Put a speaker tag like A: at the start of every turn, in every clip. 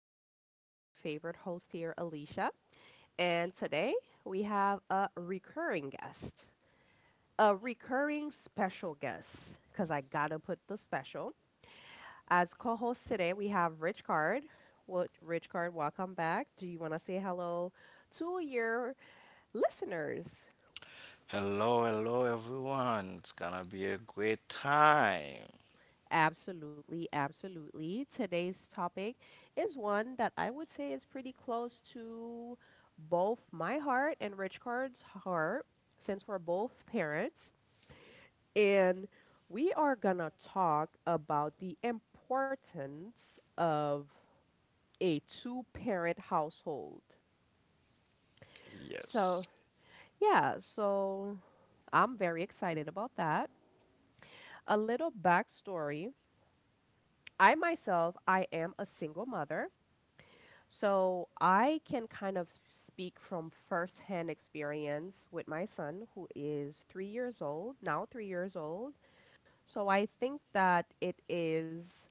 A: episode. This is your favorite host here, Alicia. And today we have a recurring guest, a recurring special guest, because I gotta put the special. As co host today, we have Rich Card. What, Rich Card, welcome back. Do you want to say hello to your listeners?
B: Hello, hello everyone. It's gonna be a great time.
A: Absolutely, absolutely. Today's topic is one that I would say is pretty close to both my heart and Rich Card's heart, since we're both parents. And we are gonna talk about the importance of a two-parent household. So,
B: Yes.
A: yeah, so I'm very excited about that. A little backstory. I myself, I am a single mother. So I can kind of speak from firsthand experience with my son, who is 3 years old, now 3 years old. So I think that it is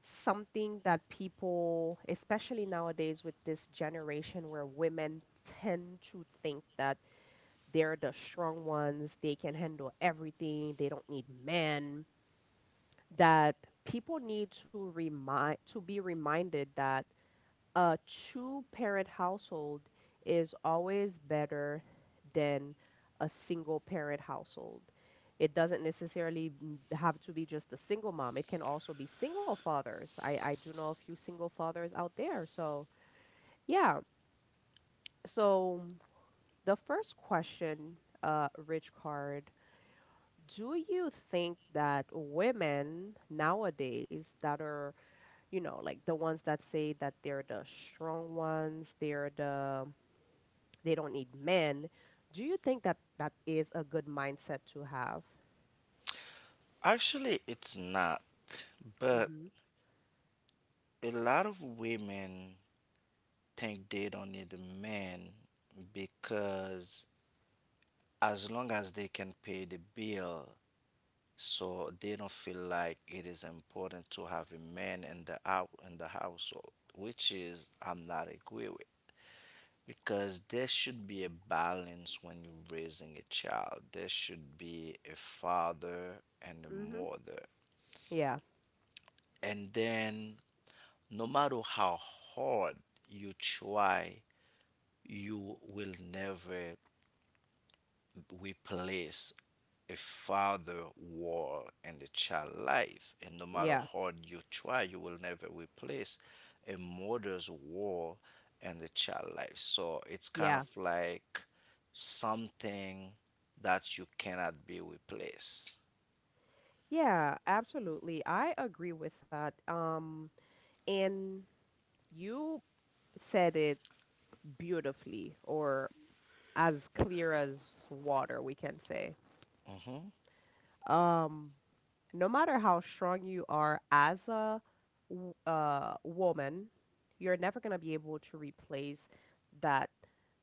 A: something that people, especially nowadays with this generation where women tend to think that they're the strong ones, they can handle everything, they don't need men, that people need to remind to be reminded that a two parent household is always better than a single parent household. It doesn't necessarily have to be just a single mom. It can also be single fathers. I do know a few single fathers out there. So, yeah. So, the first question, Rich Card, do you think that women nowadays that are, like the ones that say that they're the strong ones, they don't need men. Do you think that that is a good mindset to have?
B: Actually, it's not,
A: Mm
B: but
A: hmm.
B: a lot of women think they don't need a man because as long as they can pay the bill, so they don't feel like it is important to have a man in the out in the household, which is I'm not agree with. Because there should be a balance when you're raising a child. There should be a father and a
A: Mm hmm.
B: mother.
A: Yeah.
B: And then, no matter how hard you try, you will never replace a father war in the child life, and no matter
A: Yeah.
B: how you try you will never replace a mother's war in the child life, so it's kind
A: Yeah.
B: of like something that you cannot be replaced.
A: Yeah, absolutely. I agree with that. And you said it beautifully, or as clear as water, we can say.
B: Hmm
A: Um, no matter how strong you are as a woman, you're never going to be able to replace that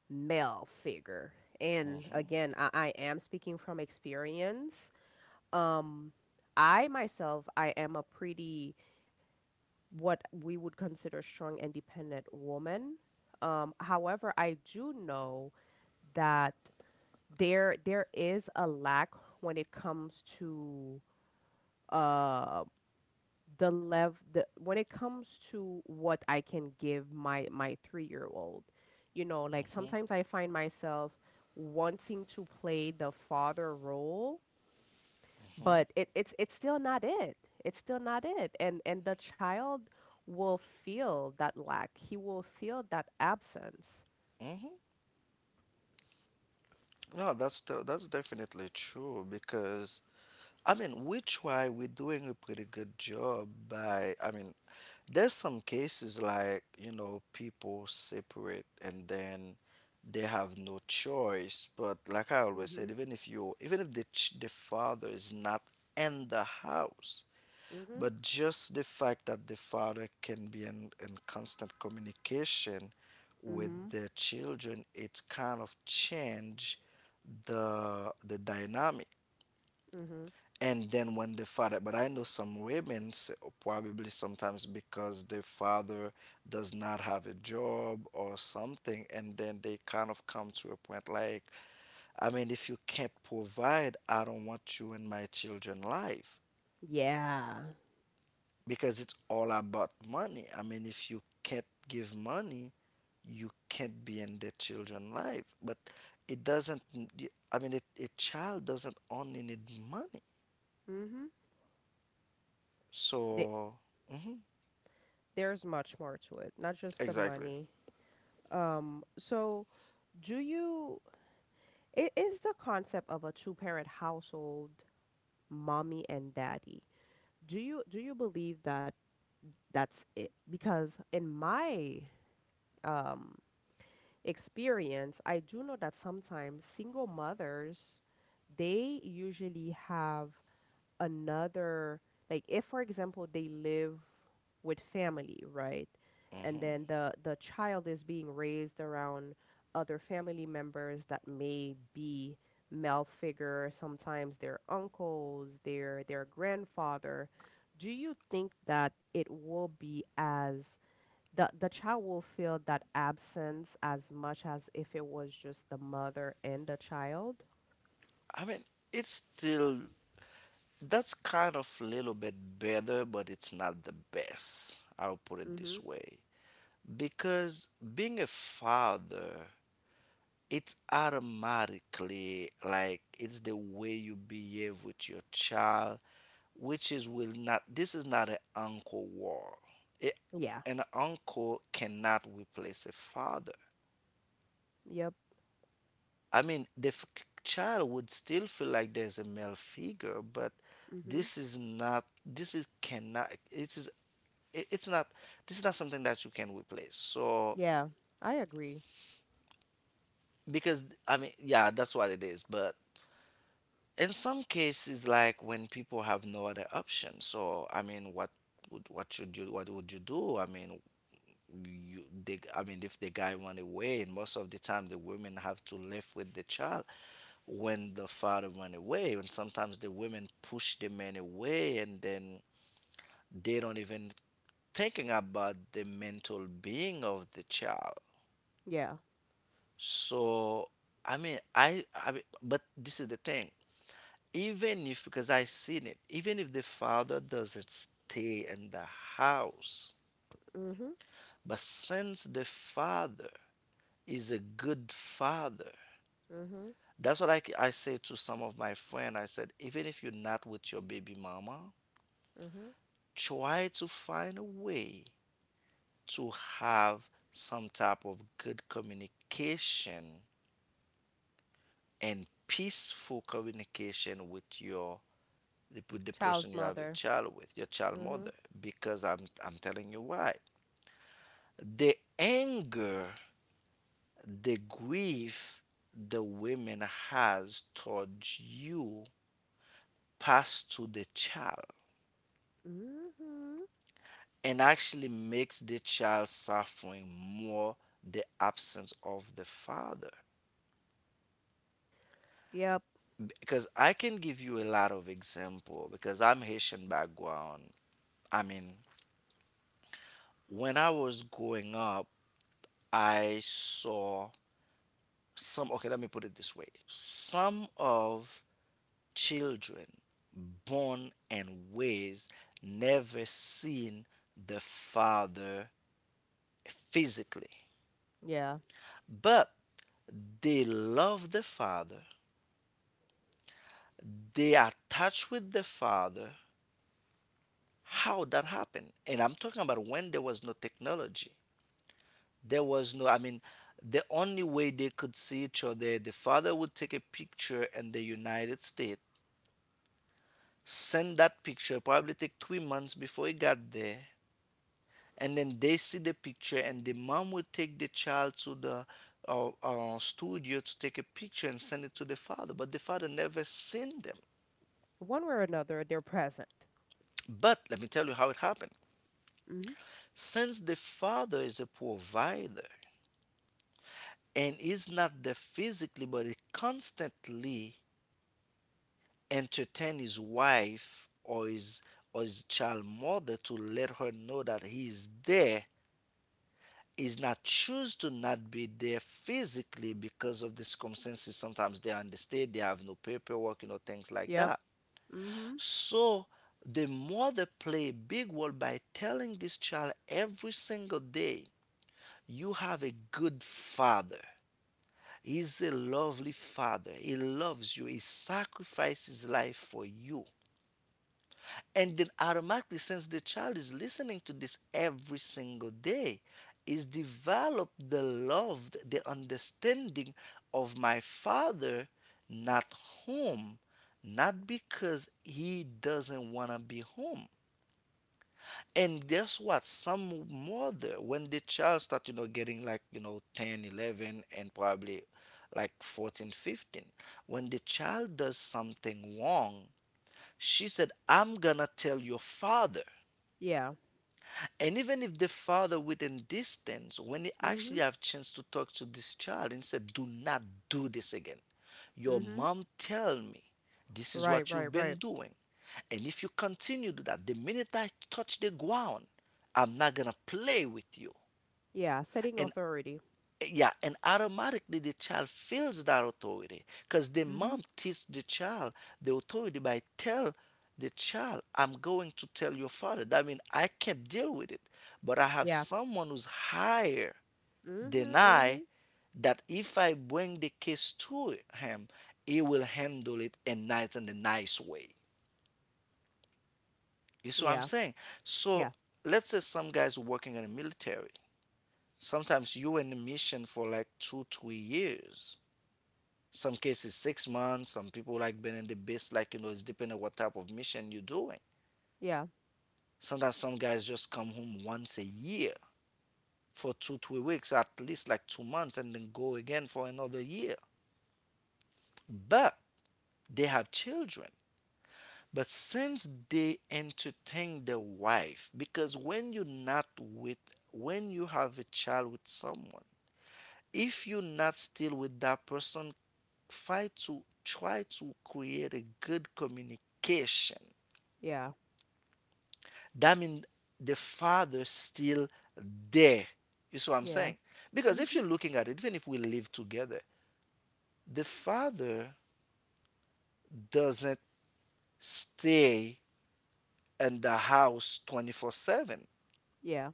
A: male figure. And
B: hmm
A: again, I am speaking from experience. Um, I myself, I am a pretty what we would consider strong, independent woman. However, I do know that there is a lack when it comes to um the level, the when it comes to what I can give my three-year-old. Like sometimes I find myself wanting to play the father role, but it's still not it. It's still not it. And the child will feel that lack. He will feel that absence.
B: hmm No, that's the, that's definitely true because we try, we're doing a pretty good job by, there's some cases like, you know, people separate and then they have no choice. But like I always
A: Mm-hmm.
B: said, even if you, even if the father is not in the house,
A: Mm-hmm.
B: but just the fact that the father can be in constant communication with
A: Mm-hmm.
B: the children, it kind of change the dynamic.
A: Mm-hmm.
B: And then when the father, but I know some women s- probably sometimes because the father does not have a job or something, and then they kind of come to a point like, I mean, if you can't provide, I don't want you in my children life,
A: Yeah.
B: because it's all about money. I mean, if you can't give money, you can't be in the children life, but it doesn't, I mean it, a child doesn't only need money.
A: Mm-hmm. They,
B: So mhm,
A: there's much more to it, not just the
B: exactly.
A: money. Um, so do you It is the concept of a two-parent household, mommy and daddy. Do you believe that that's it? Because in my um, experience, I do know that sometimes single mothers, they usually have another, like if for example they live with family, right? And
B: hmm
A: then the child is being raised around other family members that may be male figure, sometimes their uncles, their grandfather. Do you think that it will be as the child will feel that absence as much as if it was just the mother and the child?
B: I mean, it's still, that's kind of a little bit better, but it's not the best. I'll put it
A: Mhm.
B: this way. Because being a father, it's automatically like it's the way you behave with your child, which is will not, this is not an uncle war. It,
A: Yeah.
B: an uncle cannot replace a father.
A: Yep.
B: I mean, the f- Child would still feel like there's a male figure, but
A: Mhm.
B: this is not. This is cannot. It is. It, it's not. This is not something that you can replace. So
A: Yeah, I agree.
B: because I mean, yeah, that's what it is. But in some cases, like when people have no other option, so what would you do? I mean if the guy went away, and most of the time the women have to live with the child when the father went away, and sometimes the women push the men away and then they don't even thinking about the mental being of the child.
A: Yeah.
B: So but this is the thing, even if, because I seen it, even if the father doesn't stay in the house,
A: Mhm.
B: but since the father is a good father.
A: Mhm.
B: That's what I say to some of my friends. I said, even if you're not with your baby mama,
A: Mhm.
B: try to find a way to have some type of good communication and peaceful communication with your, with the person
A: Child's
B: you have a
A: mother.
B: child with, your child
A: Mhm.
B: mother. Because I'm telling you why. The anger, the grief the women has towards you pass to the child
A: Mhm.
B: and actually makes the child suffering more the absence of the father.
A: Yep.
B: Because I can give you a lot of example, because I'm Haitian background. i mean when I was growing up I saw some, okay, let me put it this way, some of children born and raised never seen the father physically,
A: Yeah.
B: but they love the father, they are touched with the father. How that happened? And I'm talking about when there was no technology, there was no, the only way they could see each other, the father would take a picture in the United States, send that picture, probably take 3 months before it got there, and then they see the picture and the mom would take the child to the studio to take a picture and send it to the father, but the father never seen them.
A: One way or another, they're present.
B: But let me tell you how it happened.
A: Mhm.
B: Since the Father is a provider and is not there physically, but he constantly entertains his wife or his, or his child mother, to let her know that he is there, is not choose to not be there physically because of the circumstances. Sometimes they are in the state, they have no paperwork, you know, things like
A: Yep.
B: that.
A: Mhm.
B: So the mother play a big role by telling this child every single day, you have a good father. He's a lovely father. He loves you. He sacrificed his life for you. And then automatically, since the child is listening to this every single day, is develop the love, the understanding of my father, not home, not because he doesn't want to be home, and guess what? Some mother, when the child start, you know, getting like, you know, 10, 11, and probably like 14, 15, when the child does something wrong, she said, I'm gonna tell your father.
A: Yeah.
B: And even if the father within distance, when he actually
A: Mhm.
B: have chance to talk to this child and said, "Do not do this again. Your
A: Mhm.
B: mom tell me this is
A: Right,
B: what you've
A: right,
B: been
A: right.
B: doing, and if you continue to do that, the minute I touch the ground, I'm not gonna play with you."
A: Yeah. Setting
B: And
A: authority.
B: yeah, and automatically the child feels that authority because the
A: Mhm.
B: mom teach the child the authority by tell the child, I'm going to tell your father, that means I can't deal with it, but I have
A: Yeah.
B: someone who's higher than
A: Mhm.
B: I,
A: Mhm.
B: that if I bring the case to him, he will handle it in nice and a nice way. You see what I'm
A: Yeah.
B: saying? So
A: Yeah.
B: let's say some guys working in the military, sometimes you in the mission for like 2 3 years. Some cases 6 months. Some people like being in the base, like you know, it's depending on what type of mission you're doing.
A: Yeah.
B: Sometimes some guys just come home once a year for two, 3 weeks, at least like 2 months, and then go again for another year. But they have children. But since they entertain their wife, because when you're not with, when you have a child with someone, if you're not still with that person, try to create a good communication,
A: Yeah.
B: that means the father still there. You see what I'm
A: Yeah.
B: saying? Because if
A: Mhm.
B: you're looking at it, even if we live together, the father doesn't stay in the house 24/7.
A: Yeah.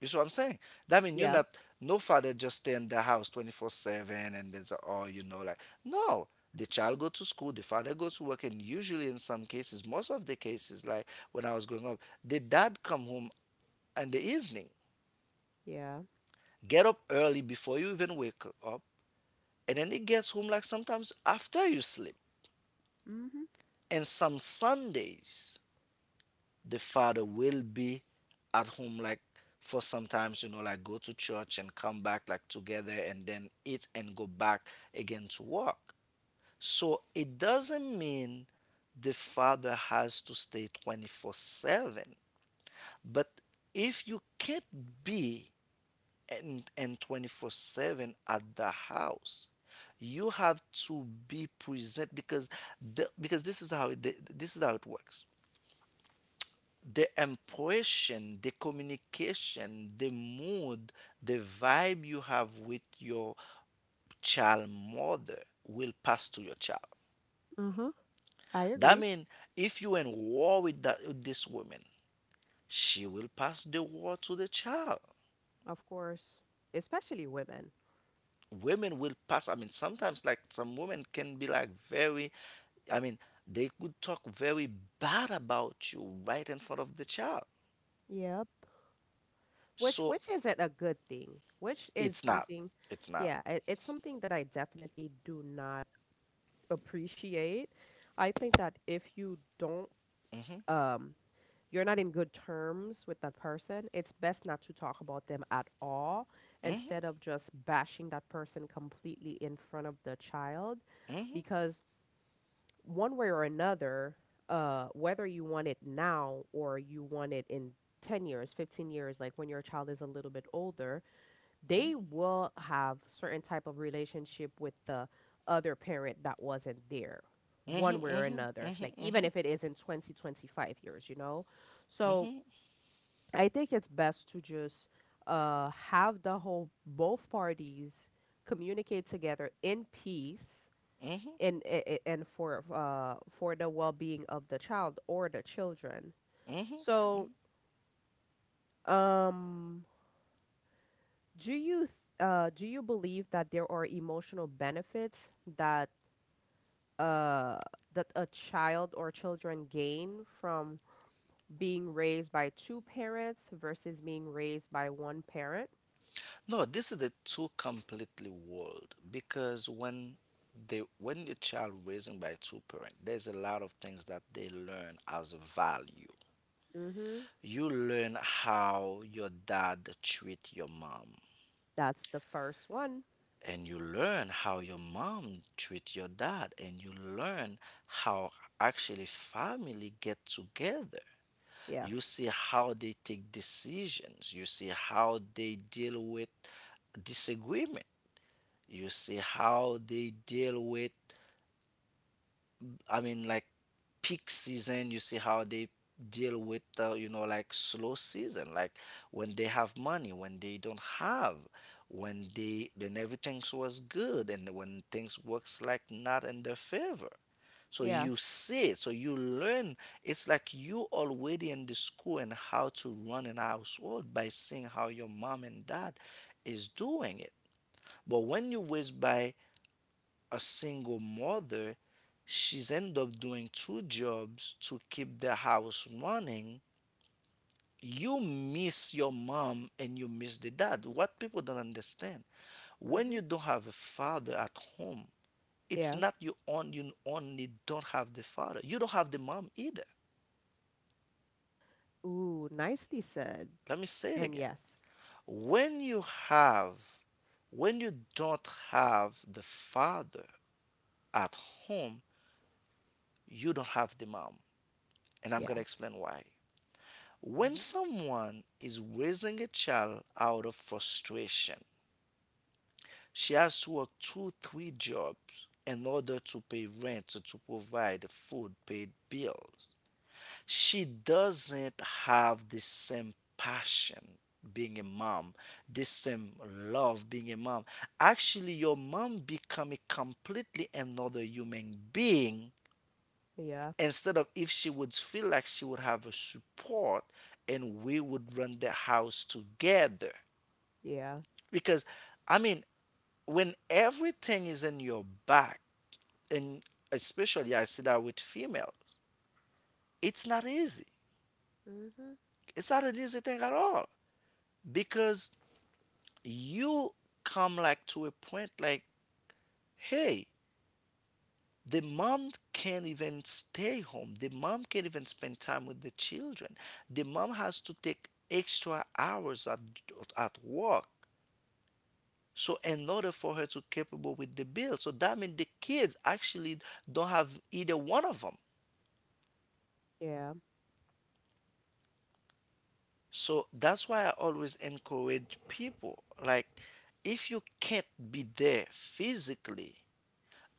B: You see what I'm saying? That means you're
A: Yeah.
B: not, no father just stay in the house 24/7 and then, oh, you know, like, no. The child go to school, the father goes to work, and usually in some cases, most of the cases, like when I was growing up, the dad come home in the evening,
A: Yeah.
B: get up early before you even wake up, and then it gets home like sometimes after you sleep.
A: Mhm.
B: And some Sundays the father will be at home like for sometimes, you know, like go to church and come back like together and then eat and go back again to work. So it doesn't mean the father has to stay 24/7, but if you can't be and 24/7 at the house, you have to be present, because because this is how it works. The impression, the communication, the mood, the vibe you have with your child mother will pass to your child.
A: Uh-huh. I
B: That
A: agree.
B: means if you in war with that, with this woman, she will pass the war to the child.
A: Of course. Especially women.
B: Women will pass, I mean sometimes like some women can be like very, I mean, they could talk very bad about you right in front of the child.
A: Yep. Which
B: So
A: which isn't a good thing. Which is
B: it's not,
A: something,
B: it's not.
A: yeah, it's something that I definitely do not appreciate. I think that if you don't,
B: Hmm
A: um, you're not in good terms with that person, it's best not to talk about them at all,
B: hmm
A: instead of just bashing that person completely in front of the child,
B: hmm
A: because one way or another, whether you want it now or you want it in 10 years, 15 years, like when your child is a little bit older, they will have certain type of relationship with the other parent that wasn't there one way or
B: hmm
A: another,
B: hmm
A: like even
B: hmm
A: if it isn't 20 25 years, so I think it's best to just have the whole both parties communicate together in peace,
B: hmm
A: and for the well-being of the child or the children.
B: hmm
A: So um Do you th- do you believe that there are emotional benefits that uh, that a child or children gain from being raised by two parents versus being raised by one parent?
B: no, this is the two completely world, because when they, when the child raising by two parents, there's a lot of things that they learn as a value.
A: Mm-hmm.
B: You learn how your dad treat your mom,
A: That's the first one.
B: and you learn how your mom treat your dad, and you learn how actually family get together.
A: Yeah.
B: You see how they take decisions, you see how they deal with disagreement, you see how they deal with, I mean, like peak season, you see how they deal with, you know, like slow season, like when they have money, when they don't have, when they, when everything was good, and when things works like not in their favor. So
A: Yeah.
B: you see it, so you learn. It's like you already in the school and how to run an household by seeing how your mom and dad is doing it. But when you raised by a single mother, she's end up doing two jobs to keep the house running. You miss your mom and you miss the dad. What people don't understand, when you
A: Mm-hmm.
B: don't have a father at home, it's
A: Yeah.
B: not you on you only don't have the father, you don't have the mom either.
A: Ooh, nicely said.
B: Let me say it
A: And
B: again.
A: yes.
B: when you have when you don't have the father at home, you don't have the mom. And I'm going to
A: Yeah.
B: explain why. When
A: Mm-hmm.
B: someone is raising a child out of frustration, she has to work two, three jobs in order to pay rent, to provide food, pay bills. She doesn't have the same passion being a mom, the same love being a mom. Actually, your mom become a completely another human being
A: Yeah.
B: instead of if she would feel like she would have a support and we would run the house together.
A: Yeah.
B: Because, I mean, when everything is in your back, and especially I see that with females, it's not easy,
A: Mm-hmm.
B: it's not an easy thing at all. Because you come like to a point like, hey, the mom can't even stay home, the mom can't even spend time with the children, the mom has to take extra hours at work, so in order for her to capable with the bill, so that means the kids actually don't have either one of them.
A: Yeah.
B: So that's why I always encourage people like, if you can't be there physically,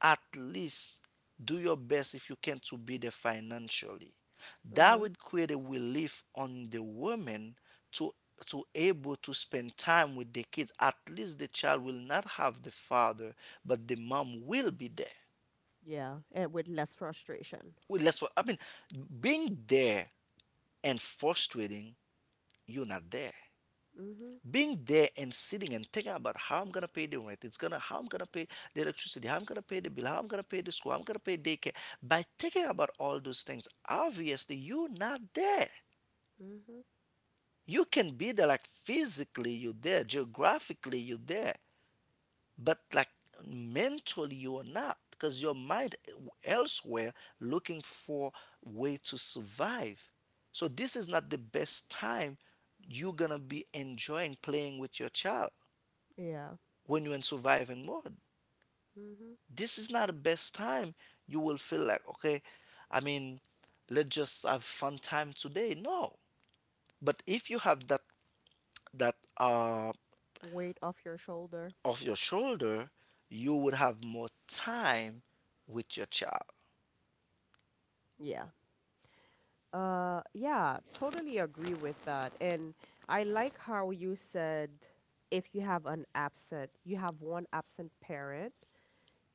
B: at least do your best if you can to be there financially. That
A: Mm-hmm.
B: would create a relief on the woman to to able to spend time with the kids. At least the child will not have the father, but the mom will be there.
A: Yeah. And with less frustration.
B: Well, that's what I mean. Being there and frustrating, you're not there.
A: Mm-hmm.
B: Being there and sitting and thinking about how I'm gonna pay the rent, it's gonna how I'm gonna pay the electricity, how I'm gonna pay the bill, how I'm gonna pay the school, how I'm gonna pay daycare. By thinking about all those things, obviously you're not there.
A: Mm-hmm.
B: You can be there, like physically you're there, geographically you're there, but like mentally you are not, because your mind elsewhere, looking for way to survive. So this is not the best time you're gonna be enjoying playing with your child,
A: Yeah.
B: when you're in surviving mode.
A: Mm-hmm.
B: This is not the best time you will feel like, okay, I mean, let's just have fun time today. No. But if you have that that
A: Weight off your shoulder.
B: off your shoulder, you would have more time with your child.
A: Yeah. Yeah, totally agree with that. And I like how you said if you have an absent, you have one absent parent,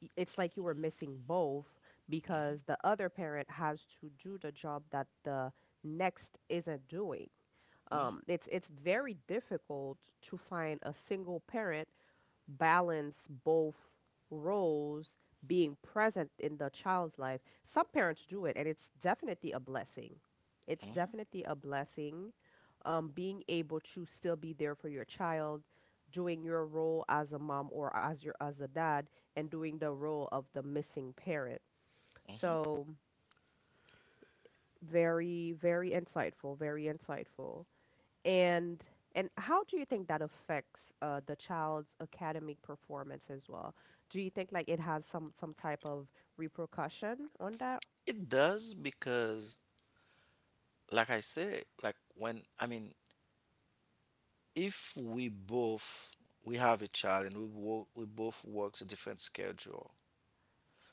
A: it's like you were missing both,
B: Hmm.
A: because the other parent has to do the job that the next isn't doing.
B: Hmm.
A: It's very difficult to find a single parent balance both roles, being present in the child's life. Some parents do it, and it's definitely a blessing. It's
B: Hmm.
A: definitely a blessing, being able to still be there for your child, doing your role as a mom or as a dad, and doing the role of the missing parent.
B: Hmm.
A: So very, very insightful, very insightful. And and how do you think that affects the child's academic performance as well? Do you think like it has some type of repercussion on that?
B: It does, because, like I said, like when I mean, if we have a child and we both works a different schedule.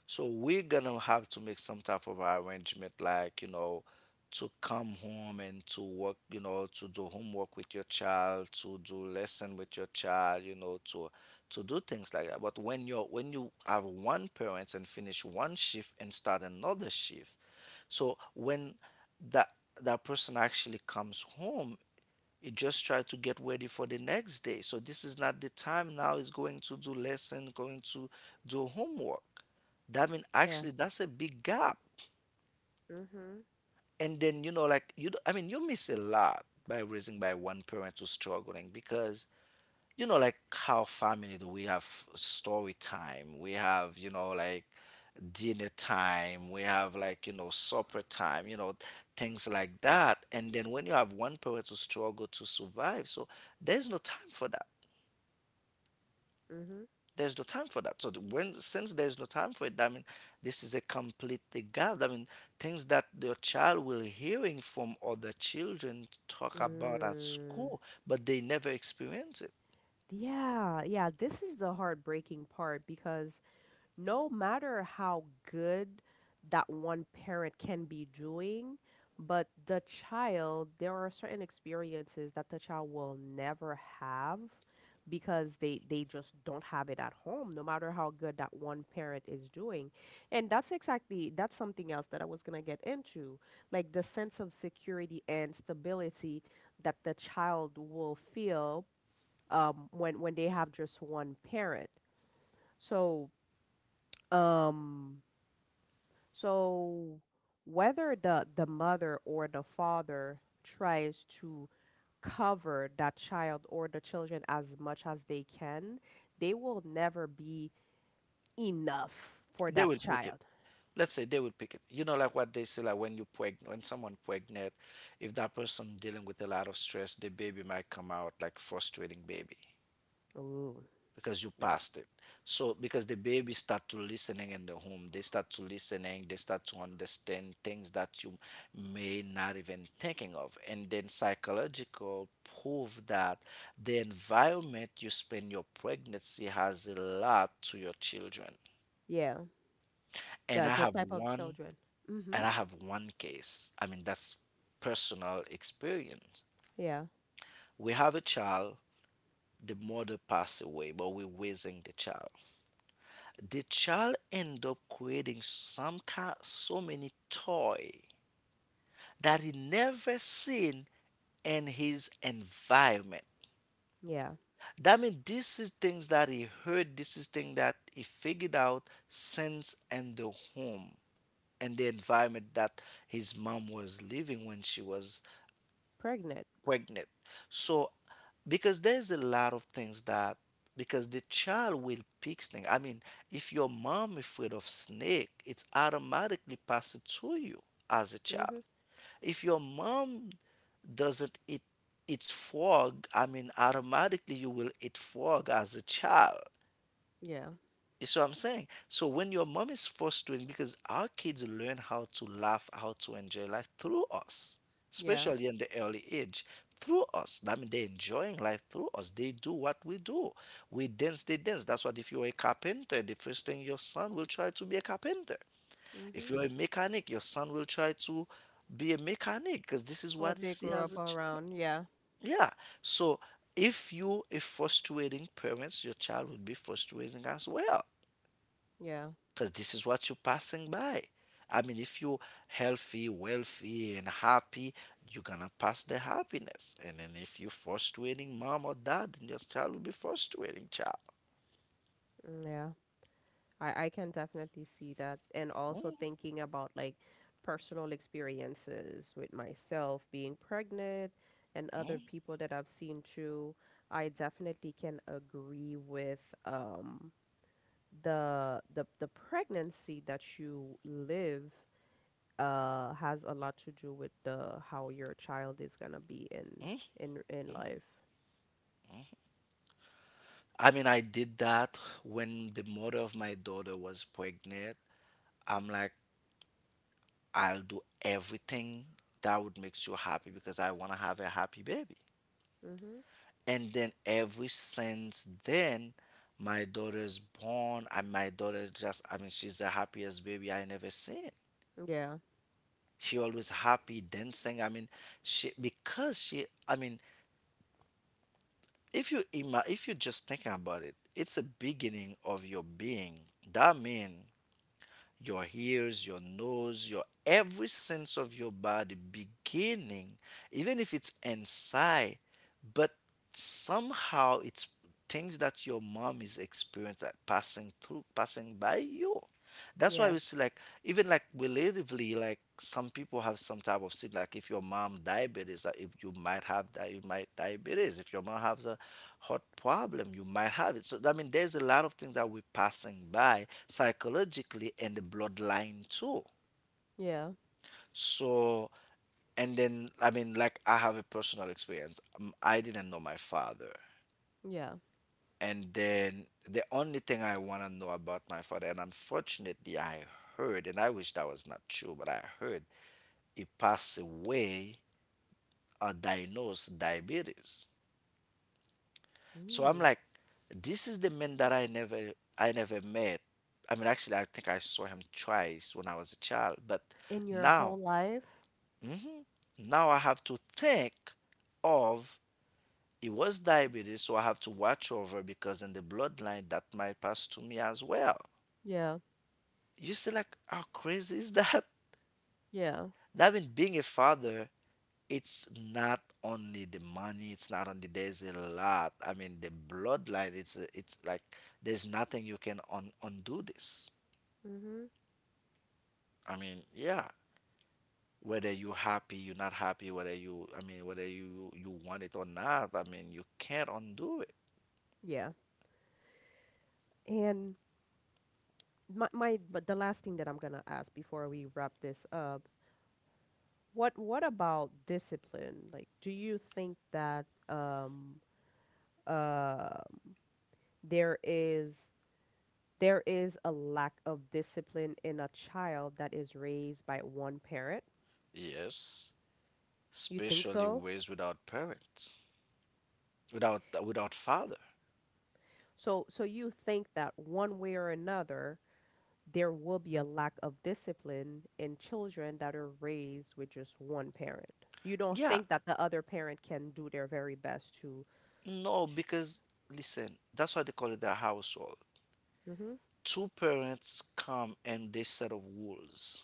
B: So we're gonna have to make some type of arrangement, like, to come home and to work, to do homework with your child, to do lesson with your child, to do things like that. But when you have one parent and finish one shift and start another shift, so when that that person actually comes home, you just try to get ready for the next day. So this is not the time now is going to do lesson, going to do homework. That mean
A: Yeah.
B: actually that's a big gap.
A: Mm-hmm.
B: And then, like I mean, you miss a lot by raising by one parent who's struggling. Because, like, how family do we have story time, we have, like, dinner time, we have, like, supper time, things like that. And then when you have one parent to struggle to survive, so there's no time for that.
A: Mm-hmm.
B: There's no time for that. So the, when since there's no time for it, I mean, this is a complete gap. I mean, things that your child will hearing from other children talk about at
A: Mm.
B: school, but they never experience it.
A: Yeah, yeah, this is the heartbreaking part, because no matter how good that one parent can be doing, but the child, there are certain experiences that the child will never have because they just don't have it at home, no matter how good that one parent is doing. And that's something else that I was gonna get into, like the sense of security and stability that the child will feel, when they have just one parent. So um so whether the mother or the father tries to cover that child or the children as much as they can, they will never be enough for
B: They
A: that
B: will pick it.
A: child.
B: Let's say they will pick it. Like what they say, like when someone pregnant, if that person dealing with a lot of stress, the baby might come out like frustrating baby.
A: Ooh,
B: Because you
A: that's
B: passed it. So because the baby start to listening in the home, they start to understand things that you may not even thinking of. And then psychological prove that the environment you spend your pregnancy has a lot to your children.
A: yeah,
B: and
A: The
B: i
A: the
B: have
A: type of
B: one
A: children.
B: and
A: Mhm.
B: I have one case, I mean, that's personal experience.
A: Yeah.
B: We have a child, the mother passed away, but we're raising the child. The child end up creating so many toy that he never seen in his environment.
A: Yeah.
B: That means this is things that he heard, this is things that he figured out since in the home and the environment that his mom was living when she was
A: Pregnant.
B: pregnant. So, because there's a lot of things that, because the child will pick snake. I mean, if your mom afraid of snake, it's automatically passed to you as a child.
A: Mhm.
B: If your mom doesn't eat frog, I mean, automatically you will eat frog as a child.
A: Yeah.
B: That's what I'm saying. So when your mom is fostering, because our kids learn how to laugh, how to enjoy life through us,
A: Yeah.
B: especially in the early age, through us. I mean, they're enjoying life through us. They do what we do. We dance, they dance. That's what, if you're a carpenter, the first thing your son will try to be a carpenter. If
A: Mhm.
B: you're a mechanic, your son will try to be a mechanic, because this is what
A: What
B: he
A: they
B: see
A: grew
B: as
A: up
B: a child.
A: around. Yeah.
B: Yeah. So if you a frustrating parents, your child would be frustrating as well,
A: Yeah.
B: because this is what you're passing by. I mean, if you're healthy, wealthy, and happy, you're gonna pass the happiness. And then if you're frustrating mom or dad, then your child will be frustrating child.
A: Yeah. I can definitely see that. And also thinking about like personal experiences with myself being pregnant and other people that I've seen too, I definitely can agree with um the pregnancy that you live has a lot to do with the how your child is gonna be in life.
B: I mean, I did that when the mother of my daughter was pregnant. I'm like, I'll do everything that would make you happy because I want to have a happy baby.
A: Mm-hmm.
B: And then every since then, my daughter's born, and my daughter just, I mean, she's the happiest baby I never seen.
A: Yeah.
B: She always happy dancing, I mean. She because she I mean, if you just thinking about it, it's a beginning of your being. That mean your ears, your nose, your every sense of your body beginning, even if it's inside, but somehow it's things that your mom is experiencing, passing through, passing by you. That's why
A: Yeah.
B: we see like, even like relatively, like some people have some type of sin, like if your mom diabetes, if you might have that, you might diabetes. If your mom has a heart problem, you might have it. So I mean, there's a lot of things that we're passing by psychologically and the bloodline too.
A: Yeah.
B: So, and then, I mean, like, I have a personal experience. I didn't know my father.
A: Yeah.
B: And then the only thing I want to know about my father, and unfortunately, I heard, and I wish that was not true, but I heard he passed away or diagnosed diabetes. So I'm
A: Mm.
B: like, this is the man that I never met. I mean, actually, I think I saw him twice when I was a child. But
A: In your
B: now,
A: whole life?
B: mhm, now I have to think of, it was diabetes, so I have to watch over, because in the bloodline that might pass to me as well.
A: Yeah.
B: You see, like how crazy is that?
A: Yeah.
B: That means being a father, it's not only the money, it's not only, there's a lot, I mean, the bloodline, it's like, there's nothing you can undo this.
A: Mhm.
B: I mean, yeah, whether you happy, you're not happy, whether you I mean, whether you want it or not, I mean, you can't undo it.
A: Yeah. And my but the last thing that I'm gonna ask before we wrap this up, what about discipline? Like, do you think that uh there is there is a lack of discipline in a child that is raised by one parent?
B: Yes,
A: You think
B: especially
A: so?
B: raised without parents, without father.
A: So you think that one way or another there will be a lack of discipline in children that are raised with just one parent. You don't
B: Yeah,
A: think that the other parent can do their very best to,
B: no, because, listen, that's why they call it the household.
A: hmm,
B: Two parents come and they set of rules.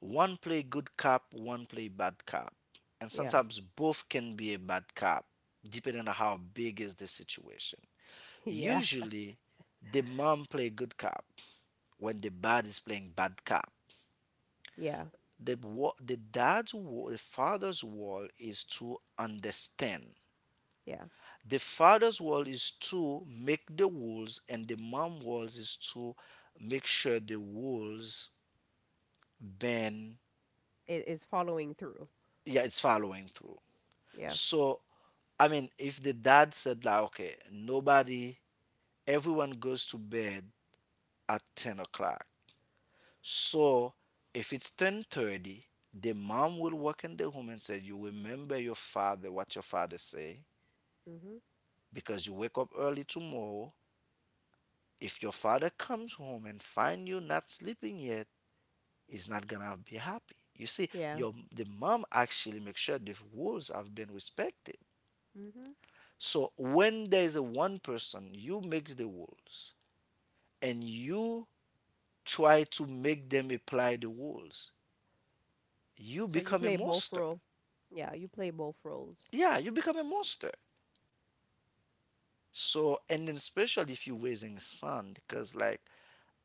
B: One play good cop, one play bad cop. And
A: yeah,
B: sometimes both can be a bad cop, depending on how big is the situation.
A: yeah,
B: Usually, the mom play good cop when the dad is playing bad cop.
A: yeah,
B: The, wa- the dad's wall, The father's role is to understand.
A: yeah.
B: The father's role is to make the rules, and the mom role is to make sure the rules been.
A: It is following through.
B: Yeah, it's following through.
A: Yeah.
B: So I mean, if the dad said like, okay, everyone goes to bed at 10 o'clock. So if it's 10:30, the mom will walk in the home and say, you remember your father, what your father say,
A: Hmm.
B: because you wake up early tomorrow. If your father comes home and find you not sleeping yet, he's not gonna be happy. You see,
A: Yeah.
B: your the mom actually makes sure the rules have been respected.
A: Hmm.
B: So when there is a one person, you make the rules and you try to make them apply the rules, you
A: So you
B: become a
A: play both
B: monster.
A: role. Yeah, you play both roles.
B: Yeah, you become a monster. So, and then especially if you're raising son, because like,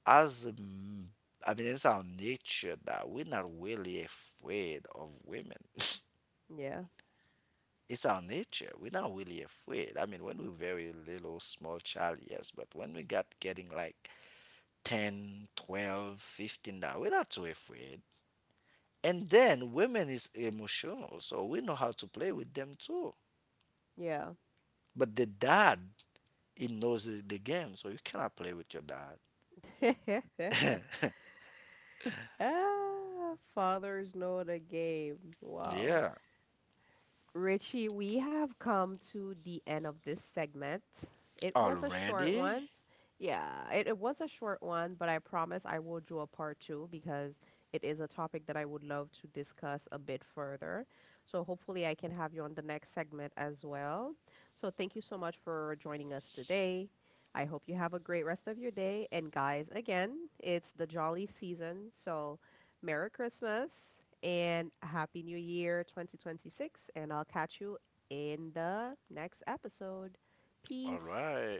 B: as a m- I mean, it's our nature that we're not really afraid of women.
A: Yeah.
B: It's our nature. We're not really afraid. I mean, when we're very little, small child, yes, but when we got getting like 10, 12, 15, now we're not too afraid. And then women is emotional, so we know how to play with them too.
A: Yeah.
B: But the dad, he knows the game, so you cannot play with your dad.
A: Ah, fathers know the game. Wow.
B: Yeah.
A: Richie, we have come to the end of this segment. It was a short
B: Already?
A: one. Yeah, it was a short one, but I promise I will do a part two because it is a topic that I would love to discuss a bit further. So hopefully I can have you on the next segment as well. So thank you so much for joining us today. I hope you have a great rest of your day. And guys, again, it's the jolly season. So Merry Christmas and a Happy New Year 2026. And I'll catch you in the next episode.
B: All
A: Peace.
B: right.